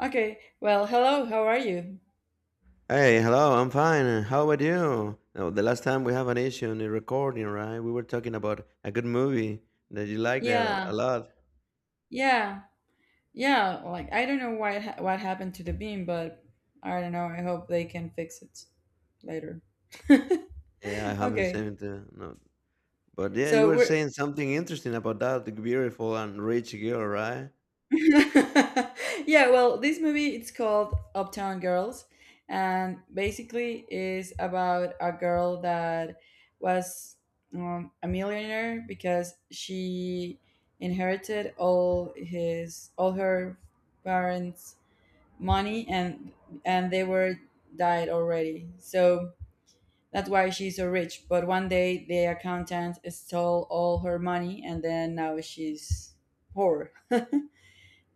Okay. Well, hello. How are you? Hey, hello, I'm fine. How about you? Oh, the last time we have an issue in the recording, right? We were talking about a good movie that you like that a Yeah. lot. Yeah. Yeah. Like I don't know why what happened to the beam, but I don't know. I hope they can fix it later. Yeah, I have the Okay. same too. No. But yeah, you So were we're saying something interesting about that beautiful and rich girl, right? yeah, well, this movie it's called Uptown Girls, and basically is about a girl that was a millionaire because she inherited all her parents' money and they were died already. So that's why she's so rich. But one day the accountant stole all her money, and then now she's poor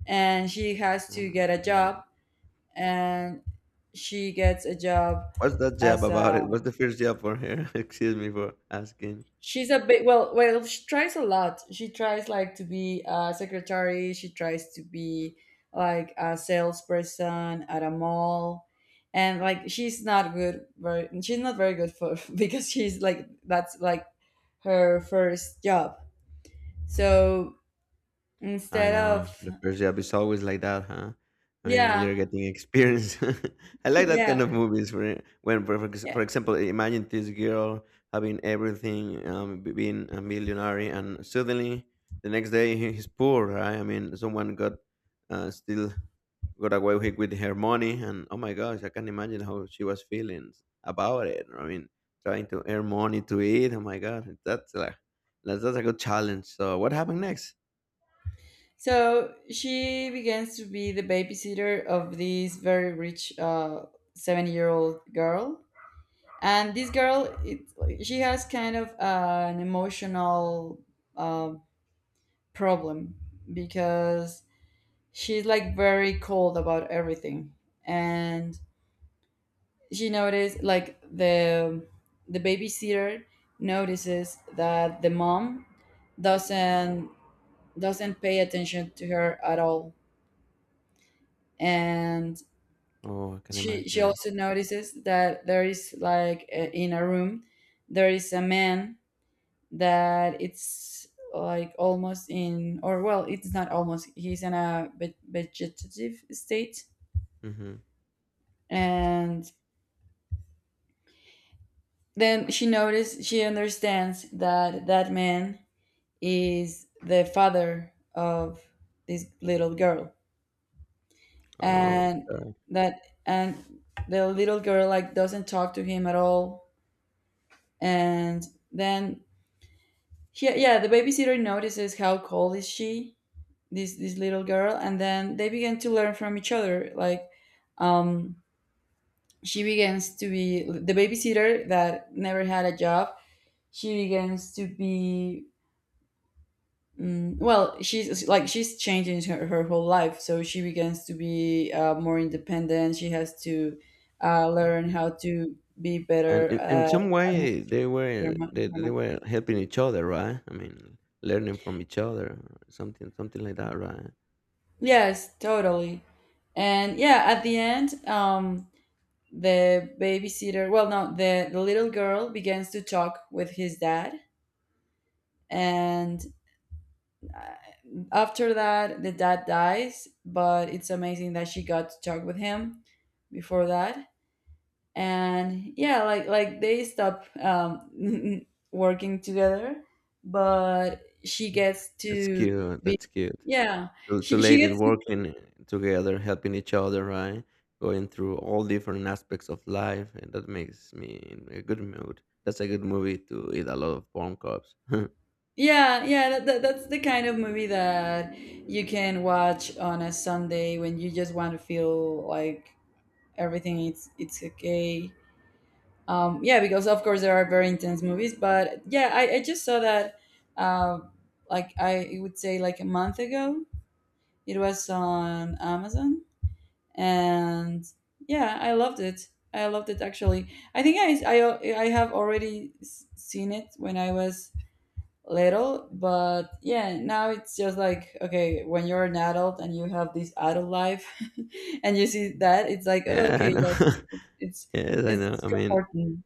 and she has Oh to my get a God. job, and she gets a job What's that job as about a it? What's the first job for her? Excuse me for asking. she's a bit, well, she tries a lot, she tries like to be a secretary, she tries to be like a salesperson at a mall, and like she's not very good for because she's like, that's like her first job, so I instead know. of The first job is always like that, huh? I mean, you're yeah. getting experience. I like that kind Yeah, of movies where, when, for, for ex- yeah. for example, imagine this girl having everything, being a millionaire, and suddenly the next day he's poor, right? I mean, someone got still got away with her money, and oh my gosh, I can imagine how she was feeling about it. I mean, trying to earn money to eat. Oh my god, that's like that's a good challenge. So what happened next? So she begins to be the babysitter of this very rich 7-year-old girl, and this girl, she has kind of an emotional uh, problem because she's like very cold about everything, and she noticed like the babysitter notices that the mom doesn't doesn't pay attention to her at all, and Oh, I can she imagine she that. also notices that there is like, in a room there is a man that it's like almost in or well, it's not almost, he's in a vegetative state. Hmm. And then she understands that that man is the father of this little girl, Oh, and God. that and the little girl like doesn't talk to him at all. And then, yeah, the babysitter notices how cold is she, this little girl, and then they begin to learn from each other. Like, um, she begins to be the babysitter that never had a job. She begins to be mm, well. She's like she's changing her whole life, so she begins to be more independent. She has to learn how to be And better in at some way, they were administering her they, they money. were helping each other, right? I mean, learning from each other, or something like that, right? Yes, totally. And yeah, at the end, the babysitter well, no, the little girl begins to talk with his dad. And uh, after that the dad dies, but it's amazing that she got to talk with him before that. And yeah, like they stop, working together, but she Mm. gets That's to cute. be That's cute. yeah, Two she ladies gets to. working together, helping each other, right? Going through all different aspects of life, and that makes me in a good mood. That's a good movie to eat a lot of corn cobs. Yeah, yeah, that's the kind of movie that you can watch on a Sunday when you just want to feel like everything it's okay. Yeah, because of course there are very intense movies, but yeah, I just saw that, uh, like I would say like a month ago. It was on Amazon, and yeah, I loved it. I loved it actually. I think I have already seen it when I was little, but yeah, now it's just like, okay, when you're an adult and you have this adult life and you see that, it's like, oh, Yeah, I okay, know. It's Yes, I it's, know. it's I mean, comforting.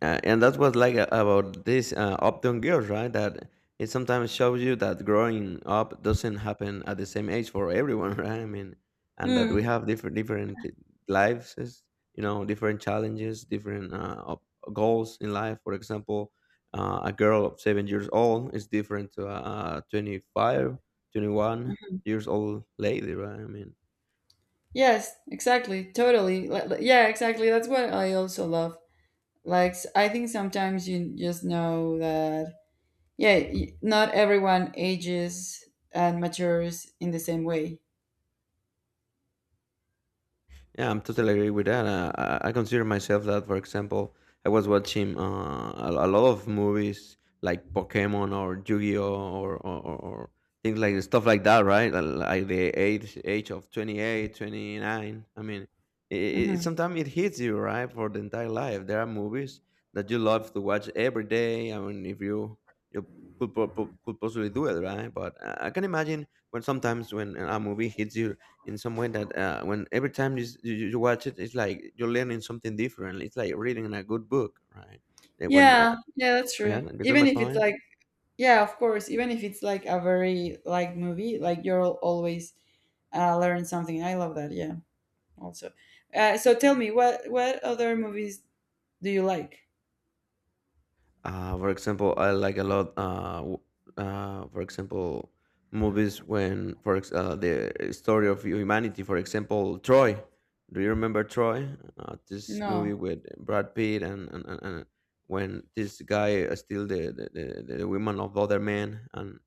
And that's what like about this Uptown Girls, right? That it sometimes shows you that growing up doesn't happen at the same age for everyone, right? I mean, and that we Hmm. have different lives, different challenges, different goals in life. For example, a girl of 7 years old is different to a 25, twenty-one Mhm. years old lady, right? I mean, Yes, exactly, totally. Yeah, exactly, that's what I also love. Like, I think sometimes you just know that, yeah, not everyone ages and matures in the same way. yeah, I'm totally agree with that. I consider myself that. For example, I was watching a lot of movies like Pokemon or Yu-Gi-Oh or things like stuff like that, right? Like the age of 28, 29. I mean, it, Hmm. Sometimes it hits you right for the entire life. There are movies that you love to watch every day. I mean, if you could, could possibly do it, right? But I can imagine when sometimes when a movie hits you in some way that when every time you watch it, it's like you're learning something different. It's like reading a good book, right? That when Yeah, yeah, that's yeah, true, you got even my if it's point. like, yeah, of course. Even if it's like a very like movie, like, you'll always learn something. I love that. Yeah, also. So tell me, what other movies do you like? For example, I like a lot. For example, movies when the story of humanity. For example, Troy. Do you remember Troy? This movie No. with Brad Pitt and when this guy steal the women of other men and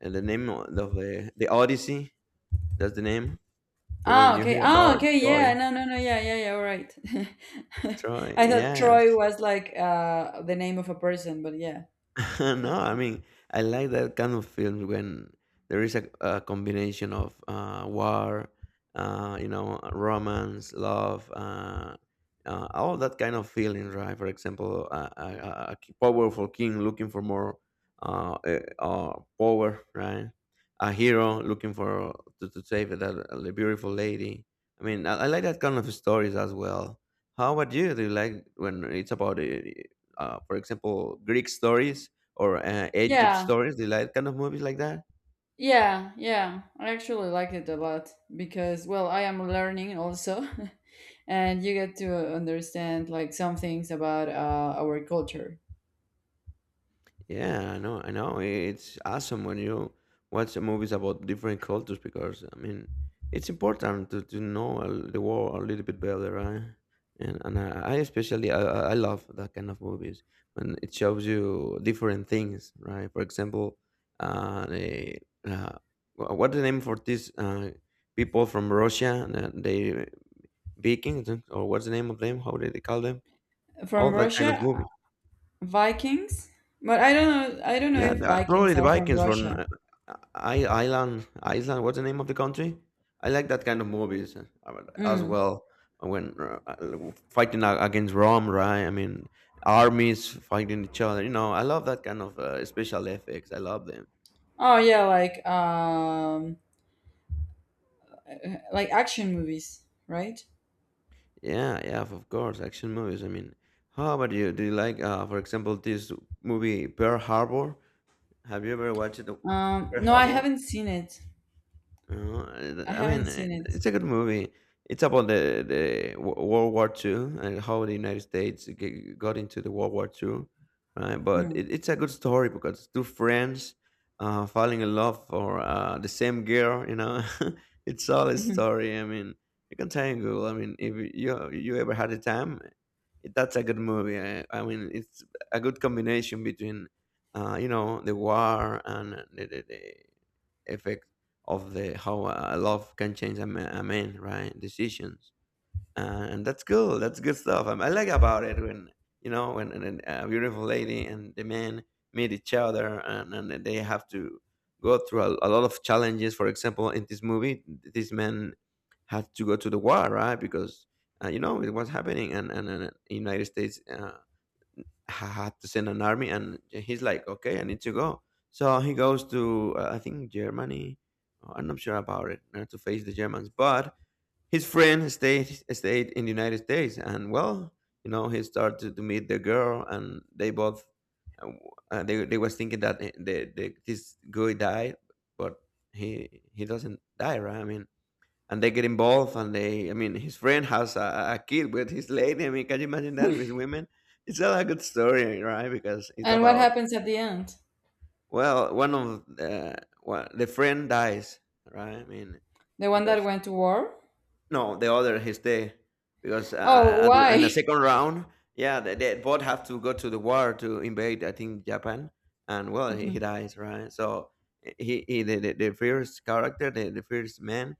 the name of the Odyssey. That's the name? Probably Oh, you okay. heard Oh, about it. okay. Yeah. Troy. No, no, no. Yeah, yeah, yeah. All right. Troy. I thought Yeah. Troy was like, the name of a person, but yeah, yeah, No, I Troy. mean, I like that kind of films when there is a combination of war, you know, romance, love, all that kind of feelings, right? For example, a powerful king looking for more power, right? A hero looking for to save that the beautiful lady. I mean, I like that kind of stories as well. How about you? Do you like when it's about for example, Greek stories or Egypt Yeah, stories? They like kind of movies like that. yeah, yeah. I actually liked it a lot because, well, I am learning also. And you get to understand like some things about, our culture. Yeah, I know, I know. It's awesome when you watch movies about different cultures, because I mean, it's important to know the world a little bit better, right? And I especially, I love that kind of movies when it shows you different things, right? For example, uh, the, uh what's the name for these people from Russia? They Vikings, or what's the name of them? How do they call them? All From that kind of Russia. movie. Vikings, but I don't know. I don't know Yeah, if Vikings probably the are from Vikings from Russia. Ireland. Iceland. What's the name of the country? I like that kind of movies as Mm. well. When fighting against Rome, right? I mean, armies fighting each other. You know, I love that kind of special effects. I love them. Oh yeah, like action movies, right? Yeah, yeah, of course, action movies. I mean, how about you? Do you like, for example, this movie Pearl Harbor? Have you ever watched it, Pearl No, I Harbor? haven't seen it. Oh, I I haven't mean, seen it. it's a good movie. It's about the World War Two, and how the United States got into the World War II, right? But Mm. It's a good story, because it's two friends falling in love for the same girl, you know. It's solid Hmm. story. I mean, you can tangle. I mean, if you ever had a time, that's a good movie. I mean, it's a good combination between, you know, the war and the of the how a love can change a man, right? Decisions, and that's cool. That's good stuff. I like about it when you know when a beautiful lady and the man meet each other, and they have to go through a lot of challenges. For example, in this movie, this man had to go to the war, right? Because you know it was happening, and in United States. Had to send an army, and he's like, okay, I need to go. So he goes to, I think, Germany. Oh, I'm not sure about it, to face the Germans, but his friend stayed in the United States. And well, you know, he started to meet the girl, and they both, uh, w- they was thinking that, the this guy died, but he doesn't die, right? I mean, and they get involved, and they, I mean, his friend has a kid with his lady. I mean, can you imagine that? With women, it's not a good story, right? Because it's And what about, happens at the end? well, one of the friend dies, right? I mean, The one that because went to war? no, the other he stay, because Oh, in why? the second round. Yeah, they both have to go to the war to invade, I think, Japan. And well, Hmm. he dies, right? So the first character, the first man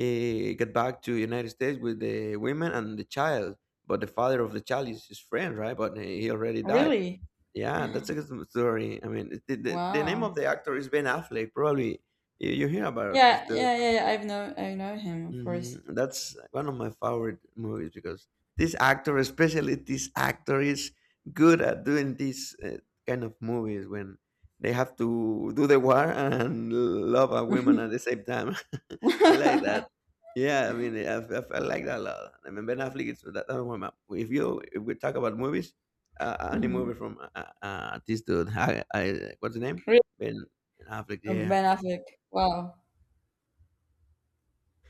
get back to United States with the women and the child. But the father of the child is his friend, right? But he already died. Really? Yeah, that's a good story. I mean, the name of Wow. the actor is Ben Affleck. Probably you hear about it. It's Yeah, the, yeah, yeah, yeah. I know him, of hmm, course. that's one of my favorite movies, because this actor, especially this actor, is good at doing these kind of movies when they have to do the war and love a woman at the same time. I like that. Yeah, I mean, I like that a lot. I mean, Ben Affleck is that, that one. If you, if we talk about movies, any Mhm. Really? movie from, this dude, what's the name? Ben Affleck. From Yeah, Ben Affleck. Wow.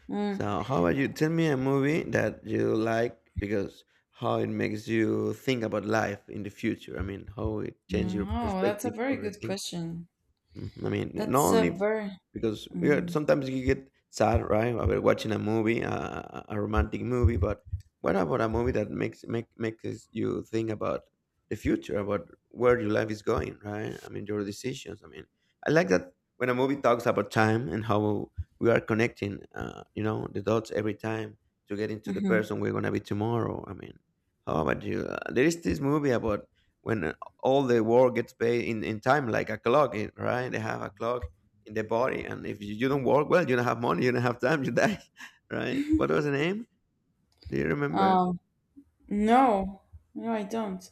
Mm. so, how about you? Tell me a movie that you like, because how it makes you think about life in the future. I mean, how it changes your Oh, that's a perspective, very or the, good question. mhm. I mean, not That's a only very. because we are, Mm. sometimes you get sad, right, about watching a movie, a a romantic movie, but what about a movie that makes you think about the future, about where your life is going, right? I mean, your decisions. I mean, I like that when a movie talks about time and how we are connecting, you know, the dots every time to get into the Hmm. person we're gonna be tomorrow. I mean, how about you? There is this movie about when, all the work gets paid in time, like a clock, right? They have a clock in the body, and if you don't work well, you don't have money, you don't have time, you die, right? What was the name? Do you remember? Um. No, no, I don't.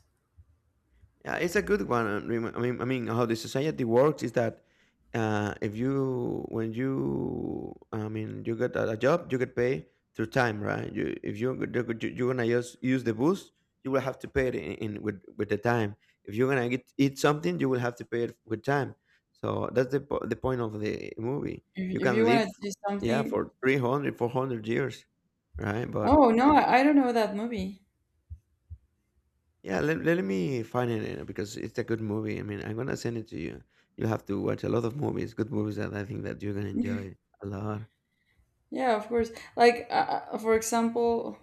Yeah, it's a good one. And I mean, how the society works is that, if you, when you, I mean, you get a job, you get paid through time, right? You, if you you're gonna just use the bus, you will have to pay it in with the time. If you're gonna get, eat something, you will have to pay it with time. So that's the point of the movie. If, You if can you want live, to do yeah, something, for 300, 400 years, right? But oh no, I don't know that movie. yeah, let me find it because it's a good movie. I mean, I'm gonna send it to you. You'll have to watch a lot of movies, good movies that I think that you're gonna enjoy a lot. Yeah, of course. Like, for example,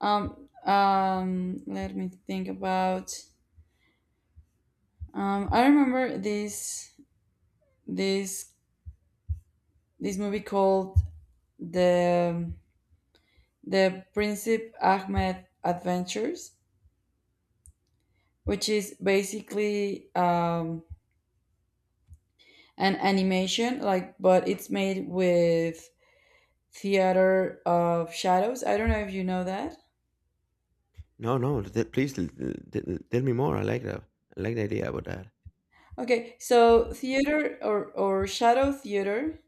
let me think about. I remember this this movie called the the Princip Ahmed Adventures, which is basically, an animation, like, but it's made with Theater of Shadows. I don't know if you know that. No, no, please tell me more. I like that. I like the idea about that. Okay, so theater, or shadow theater,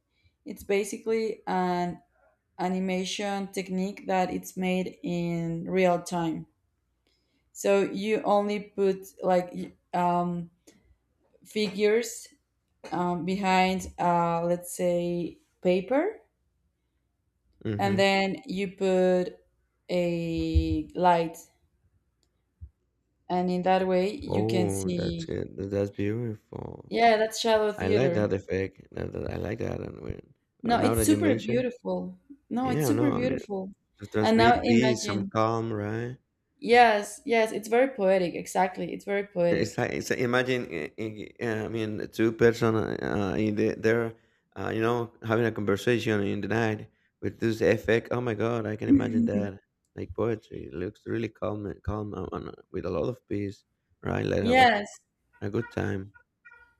it's basically an animation technique that it's made in real time. So you only put, like, figures, behind, let's say, paper, and Mm-hmm. then you put a light, and in that way you can Oh, that's see. good. That's beautiful. Yeah, that's shadow I like theater. that effect. I like that. And when, No, now it's that you super mention, beautiful. No, it's yeah, super no, I mean, beautiful. to And now transmit peace, some imagine. calm, right? Yes, yes, it's very poetic. Exactly, it's very It's poetic. like, it's imagine, mean, two person in the, they you know, having a conversation in the night with this effect. Oh my God, I can imagine that. Like poetry, it looks really calm, and with a lot of peace, right? Like a, a Yes, a good time.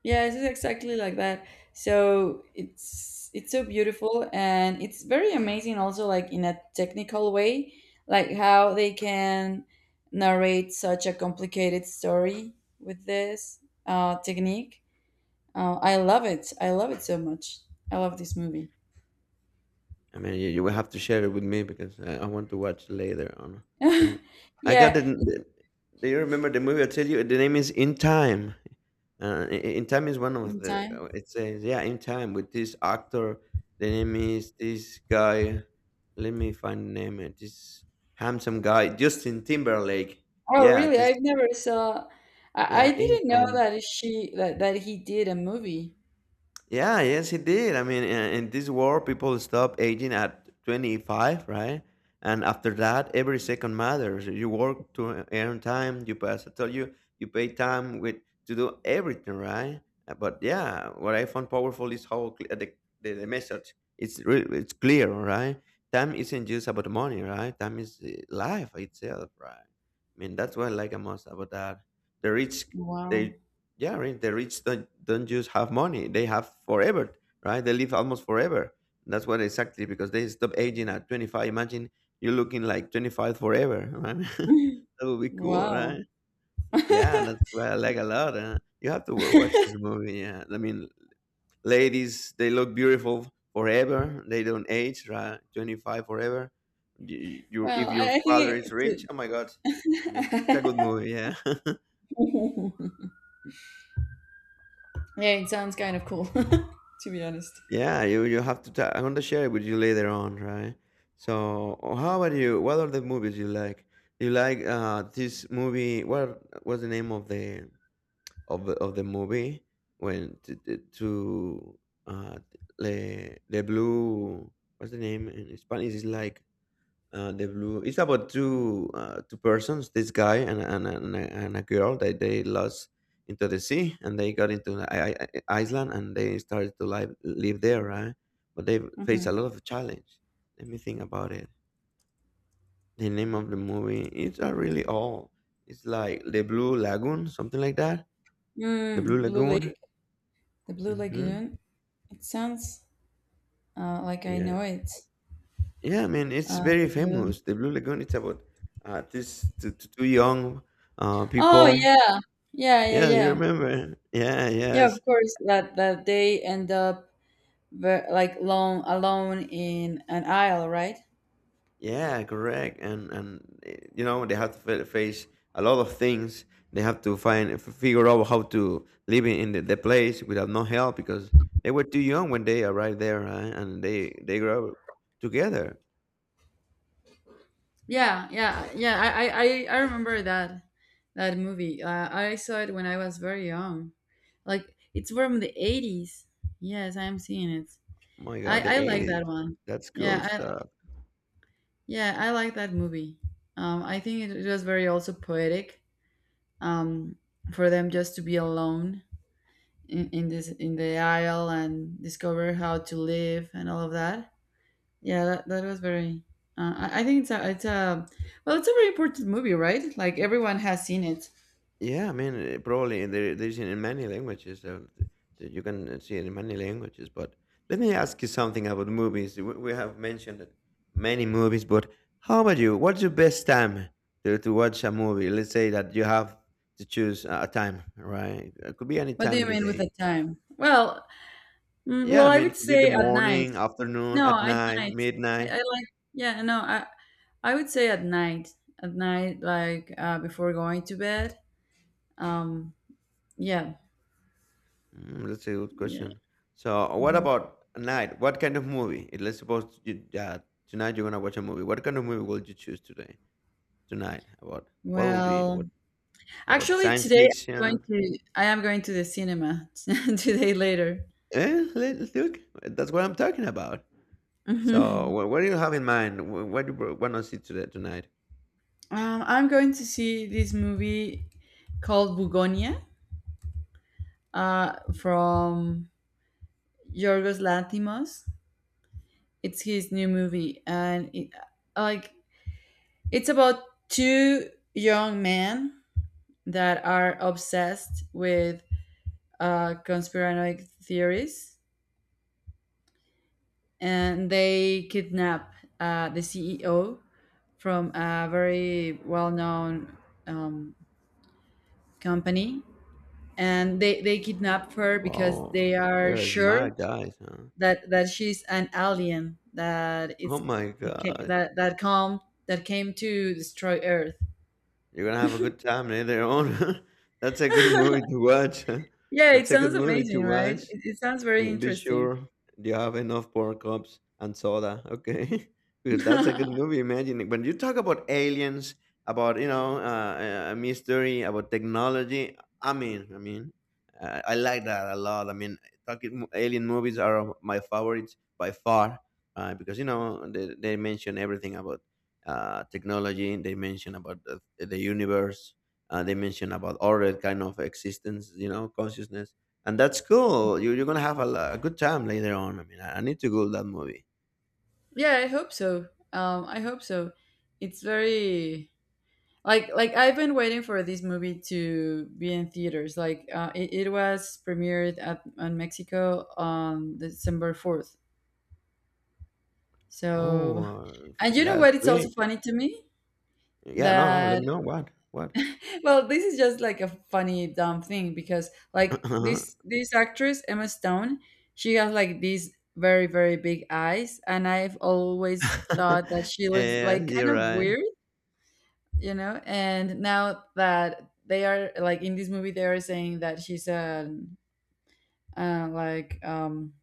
yeah, it is exactly like that. So it's so beautiful, and it's very amazing also, like in a technical way, like how they can narrate such a complicated story with this, technique. I love it. I love it so much. I love this movie. I mean, you will have to share it with me because I want to watch later on. Uh, I got Yeah, the. The- Do you remember the movie? I tell you, the name is In Time. In Time is one of in the. time. It says, yeah, In Time with this actor. The name is this guy. Let me find the name. This handsome guy, Justin Timberlake. Oh, Yeah, really? this. I've never saw. I, Yeah, I In didn't know Time. that that he did a movie. Yeah, yes, it did. I mean, in this world, people stop aging at 25, right? And after that, every second matters. You work to earn time. You pass. I tell you, you pay time with to do everything, right? But yeah, what I found powerful is how the message. It's clear, right? Time isn't just about money, right? Time is life itself, right? I mean, that's what I like the most about that. The rich, Wow. they Yeah, right. The rich don't just have money; they have forever, right? They live almost forever. That's what exactly because they stop aging at 25. Imagine you looking like 25 forever. Right? That would be cool, Wow. right? Yeah, that's what I like a lot. You have to watch this movie. Yeah, I mean, ladies, they look beautiful forever. They don't age, right? 25 forever. You, Well, if your I father is think rich, it. oh my god! I mean, it's a good movie. Yeah. Yeah, it sounds kind of cool, to be honest. Yeah, you have to. I'm gonna share it with you later on, right? So, how about you? What are the movies you like? You like this movie? What was the name of the movie when to uh the blue? What's the name in Spanish? Is like the blue. It's about two two persons, this guy and a girl that they lost into the sea and they got into the iceland and they started to live there, right? But they faced Hmm. a lot of challenge. Let me think about it. The name of the movie, it's not really all. It's like the blue lagoon, something like that. The blue Blue lagoon. Lake, the Blue Mm-hmm. Lagoon. It sounds, like I Yeah, know it. yeah, I mean, it's The very blue. famous. The blue lagoon, it's about this two, two two young Oh people. yeah, yeah, yeah, Yeah, you yeah, remember. Yeah, yeah. Of yes. course, that they end up, ver- like lone alone in an isle, right? Yeah, correct. And you know, they have to face a lot of things. They have to find figure out how to live in the place without no help because they were too young when they arrived there, right? And they grew up together. Yeah, yeah, yeah. I remember that movie. I saw it when I was very young. Like it's from the 80s. Yes, I am seeing it. My God, the I like 80s. that one. That's cool Yeah, stuff. I like that movie. I think it was very also poetic. Um, for them just to be alone, in the aisle, and discover how to live and all of that. Yeah, that was very. I think it's a well, it's a very important movie, right? Like everyone has seen it. Yeah, I mean, probably there is in many languages. You can see it in many languages. But let me ask you something about movies. We have mentioned that many movies, but how about you? What's your best time to watch a movie? Let's say that you have to choose a time, right? It could be any What do time you of the mean with day. the time? Well, Yeah, I I mean, would it could be the say at night. morning, afternoon, No, at at night, night. I midnight. like, yeah. No, I would say at night. At night, like, before going to bed. Um. Yeah. Mm, that's a good Yeah. question. So, what Hmm. about a night? What kind of movie? It- Let's suppose tonight you're gonna watch a movie. What kind of movie will you choose today, tonight? About what will be Well, about the actually, science today fiction? I am going to the cinema today later. Look, that's what I'm talking about. So, what do you have in mind? What do you want to see today tonight? I'm going to see this movie called Bugonia, from Yorgos Lanthimos. It's his new movie, and like it's about two young men that are obsessed with, conspiranoid theories, and they kidnap, the CEO from a very well-known, um, company, and they kidnap her because Wow, they are they're sure smart guys, huh? that she's an alien that Oh is my gosh, that that come that came to destroy Earth. you're gonna have a good time later on. That's a good movie to watch. Yeah, it That's a good sounds movie to amazing, right? It, watch. it sounds very Mm, be interesting. sure you have enough pork cups and soda, okay? Because that's a Yeah, good movie. Imagine when you talk about aliens, about you know, mystery, about technology. I mean, I like that a lot. I mean, alien movies are my favorites by far because you know they mention everything about technology. They mention about the universe. They mention about other kind of existence, you know, consciousness, and that's cool. You're gonna have a good time later on. I mean, I need to go to that movie. I hope so. I hope so. It's very, like I've been waiting for this movie to be in theaters. Like, it was premiered at on Mexico on December 4th. So, Oh, and you know what? last It's also week. funny to me Yeah, no, no. Let that, me know what. well, this is just like a funny dumb thing because like Uh-huh. this actress Emma Stone, she has like these very, very big eyes, and I've always thought that she looks Yeah, like you're kind of right. weird, you know, and now that they are like in this movie, they are saying that she's a, uh, like um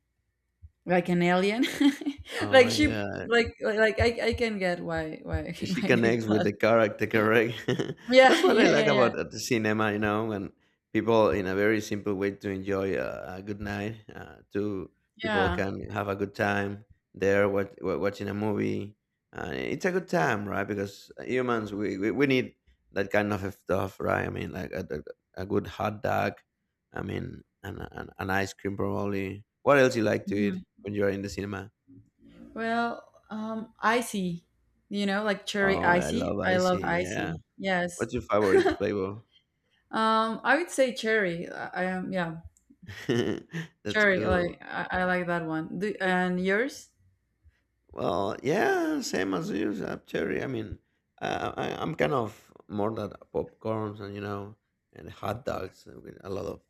like an alien. Oh like my she god. Like I can get why She why they connects with thought. the character, correct. That's Yeah, what I yeah, yeah, like yeah, about the cinema, you know, when people in a very simple way to enjoy a good night. Two people yeah. can have a good time there, watching a movie. It's a good time, right? Because humans, we need that kind of stuff, right? I mean, like a good hot dog, I mean an ice cream. Probably what else you like to Mm-hmm. eat when you're in the cinema? Well, icy, like cherry Oh, I icy. love I love icy, yeah. icy. Yes. What's your favorite flavor? I would say cherry. I am, yeah, That's cherry. cool. Like, I like that one. And yours? Well, yeah, same as you, cherry. I mean, I'm kind of more that popcorns, and you know, and hot dogs with a lot of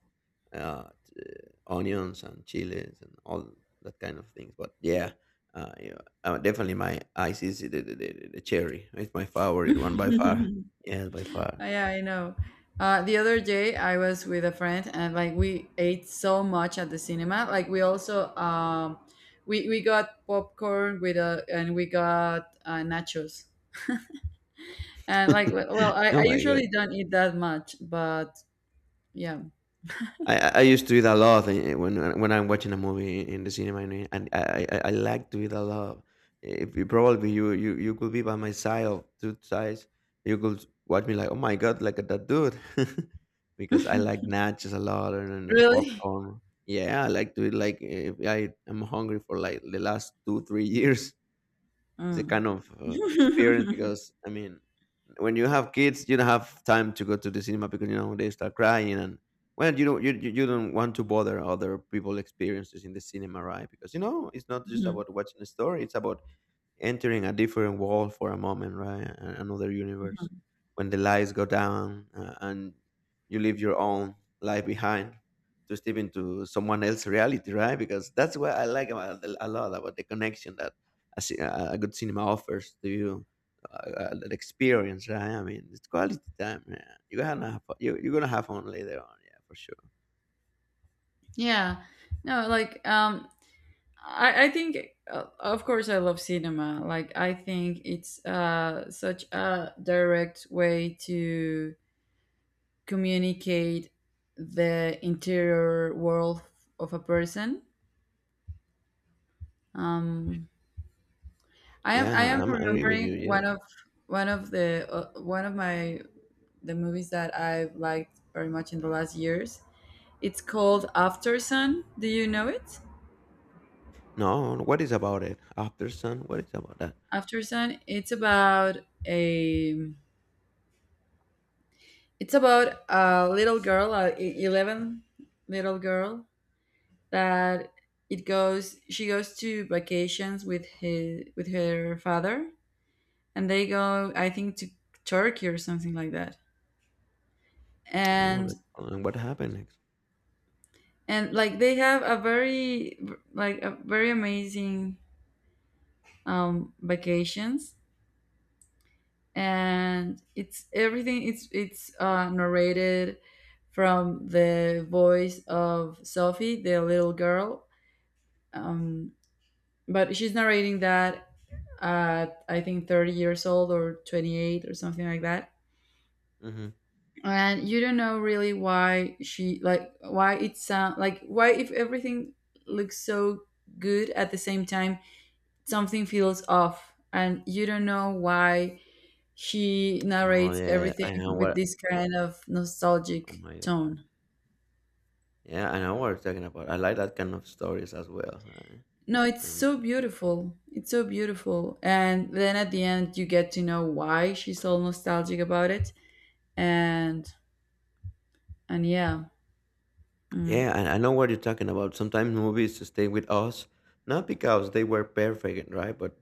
uh, t- onions and chilies and all that kind of things. But yeah, uh, yeah, definitely my ice is the cherry. It's my favorite one by far. Yeah, by far. Yeah, I know. The other day, I was with a friend, and like we ate so much at the cinema. Like we also, we got popcorn, and we got, nachos. And like, well, well, I Oh my god. usually don't eat that much, but yeah. I used to eat a lot when I'm watching a movie in the cinema, and and I like to eat a lot. If you probably you could be by my side of two sides, you could watch me like, oh my god, like that dude, because I like nachos a lot, and the Really? popcorn. Yeah, I like to eat like if I am hungry for like the last 2 or 3 years. It's a Mm. kind of experience because I mean, when you have kids, you don't have time to go to the cinema because you know they start crying and well, you don't want to bother other people' experiences in the cinema, right? Because you know it's not just Mhm, about watching a story; it's about entering a different world for a moment, right? A- Another universe mhm. when the lights go down and you leave your own life behind to step into someone else's reality, right? Because that's what I like about a lot about the connection that a good cinema offers to you. Uh, that experience, right? I mean, it's quality time. Yeah. You, you're gonna have fun later on, yeah, for sure. Yeah. No, like, I think, of course I love cinema. Like I think it's such a direct way to communicate the interior world of a person. Um I am I Yeah, am I'm agree with you. remembering one Yeah. of one of the one of my the movies that I've liked very much in the last years. It's called After Sun. Do you know it? No, no, what is about it after sun? What is about that? After Sun. It's about a. It's about a little girl, a 11 little girl that it goes. She goes to vacations with her father, and they go, I think, to Turkey or something like that. Oh, And that, and what happened? and like they have, a very amazing, vacations, and it's everything it's it's, narrated from the voice of Sophie, the little girl, um, but she's narrating that at, I think, 30 years old, or 28, or something like that, Mhm. and you don't know really why she like why it sound like why, if everything looks so good, at the same time something feels off, and you don't know why she Oh, narrates yeah, everything I know with what. this kind of Oh nostalgic my god. tone. Yeah, I know what you're talking about. I like that kind of stories as well, right? No, it's And so beautiful, it's so beautiful, and then at the end you get to know why she's so nostalgic about it, and and yeah. yeah, mm, I know what you're talking about. Sometimes movies stay with us, not because they were perfect, right? But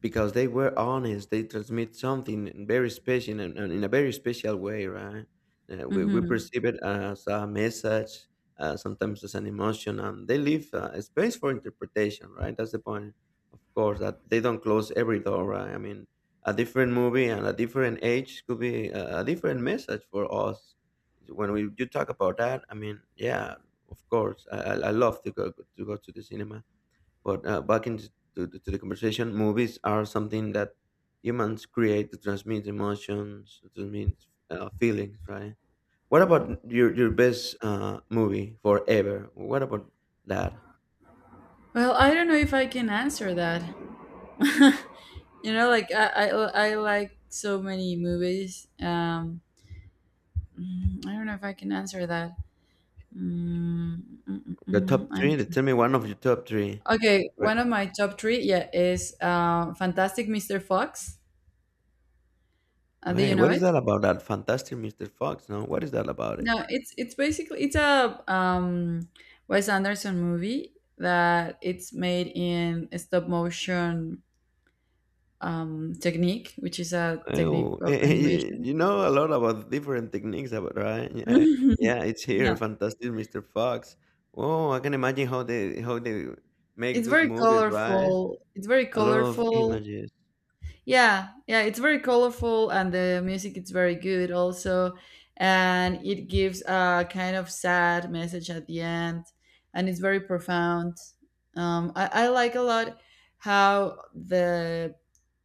because they were honest. They transmit something very special, and in a very special way, right? We we hmm. perceive it as a message, sometimes as an emotion, and they leave a space for interpretation, right? That's the point, of course, that they don't close every door, right? I mean, a different movie and a different age could be a different message for us when we do talk about that. I mean, yeah, of course I love to go to go to the cinema, but back into to the conversation, movies are something that humans create to transmit emotions, to transmit feelings, right? What about your best movie forever? What about that? Well, I don't know if I can answer that. Like, I like so many movies. I don't know if I can answer that. Mm, mm, mm, The mm, top I'm three? Then tr- tell me one of your top three. okay. Right. One of my top three, yeah, is, Fantastic Mr. Fox. Do you Wait, know what is it? that about? That Fantastic Mr. Fox? No, what is that about it? No, it's basically it's a, Wes Anderson movie that it's made in a stop motion, technique, which is a technique Oh, of animation. You know a lot about different techniques, about right? Yeah, yeah, it's here, Yeah, Fantastic Mr. Fox. Oh, I can imagine how they make it's those very movies, right? colorful. It's very A lot of colorful. images. Yeah, yeah, it's very colorful, and the music is very good also. And it gives a kind of sad message at the end, and it's very profound. I like a lot how the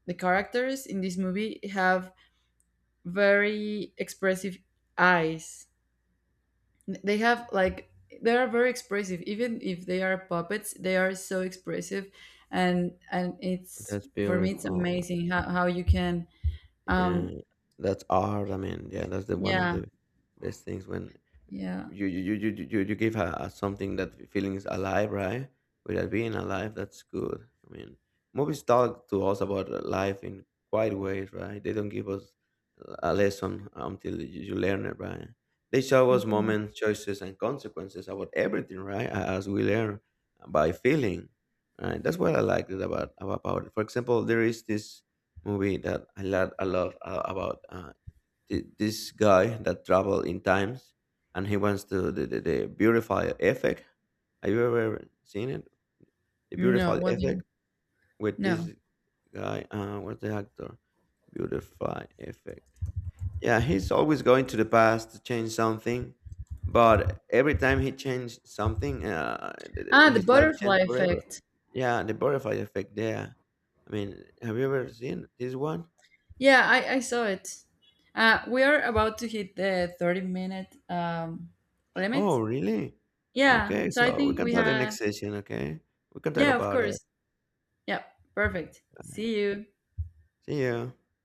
the characters in this movie have very expressive eyes. They have like they are very expressive, even if they are puppets, they are so expressive, and it's That's for me it's beautiful. amazing how you can, Yeah, um, that's art. I mean, yeah, that's the one of yeah, the best things when yeah. You give a something that feelings alive, right? Without being alive, that's good. I mean, movies talk to us about life in quite ways, right? They don't give us a lesson until you learn it, right? They show us Mhm. moments, choices, and consequences about everything, right? A- As we learn by feeling, right? That's what I like it about it. For example, there is this movie that I love this guy that travel in times and he wants to the beautify effect. Have you ever seen it, the No, beautify what do you, effect with this no. guy? What's the actor? Beautify effect. Yeah, he's always going to the past to change something, but every time he changed something Ah, the his life butterfly changed forever. effect. Yeah, the butterfly effect there, I mean, have you ever seen this one? Yeah, I saw it. We are about to hit the 30 minute, limit. Oh, really? Yeah, Okay, so I so we think can we, talk the have, next session, okay? We can talk yeah, of about it. course. Yeah, Okay, perfect. bye. See you. See you.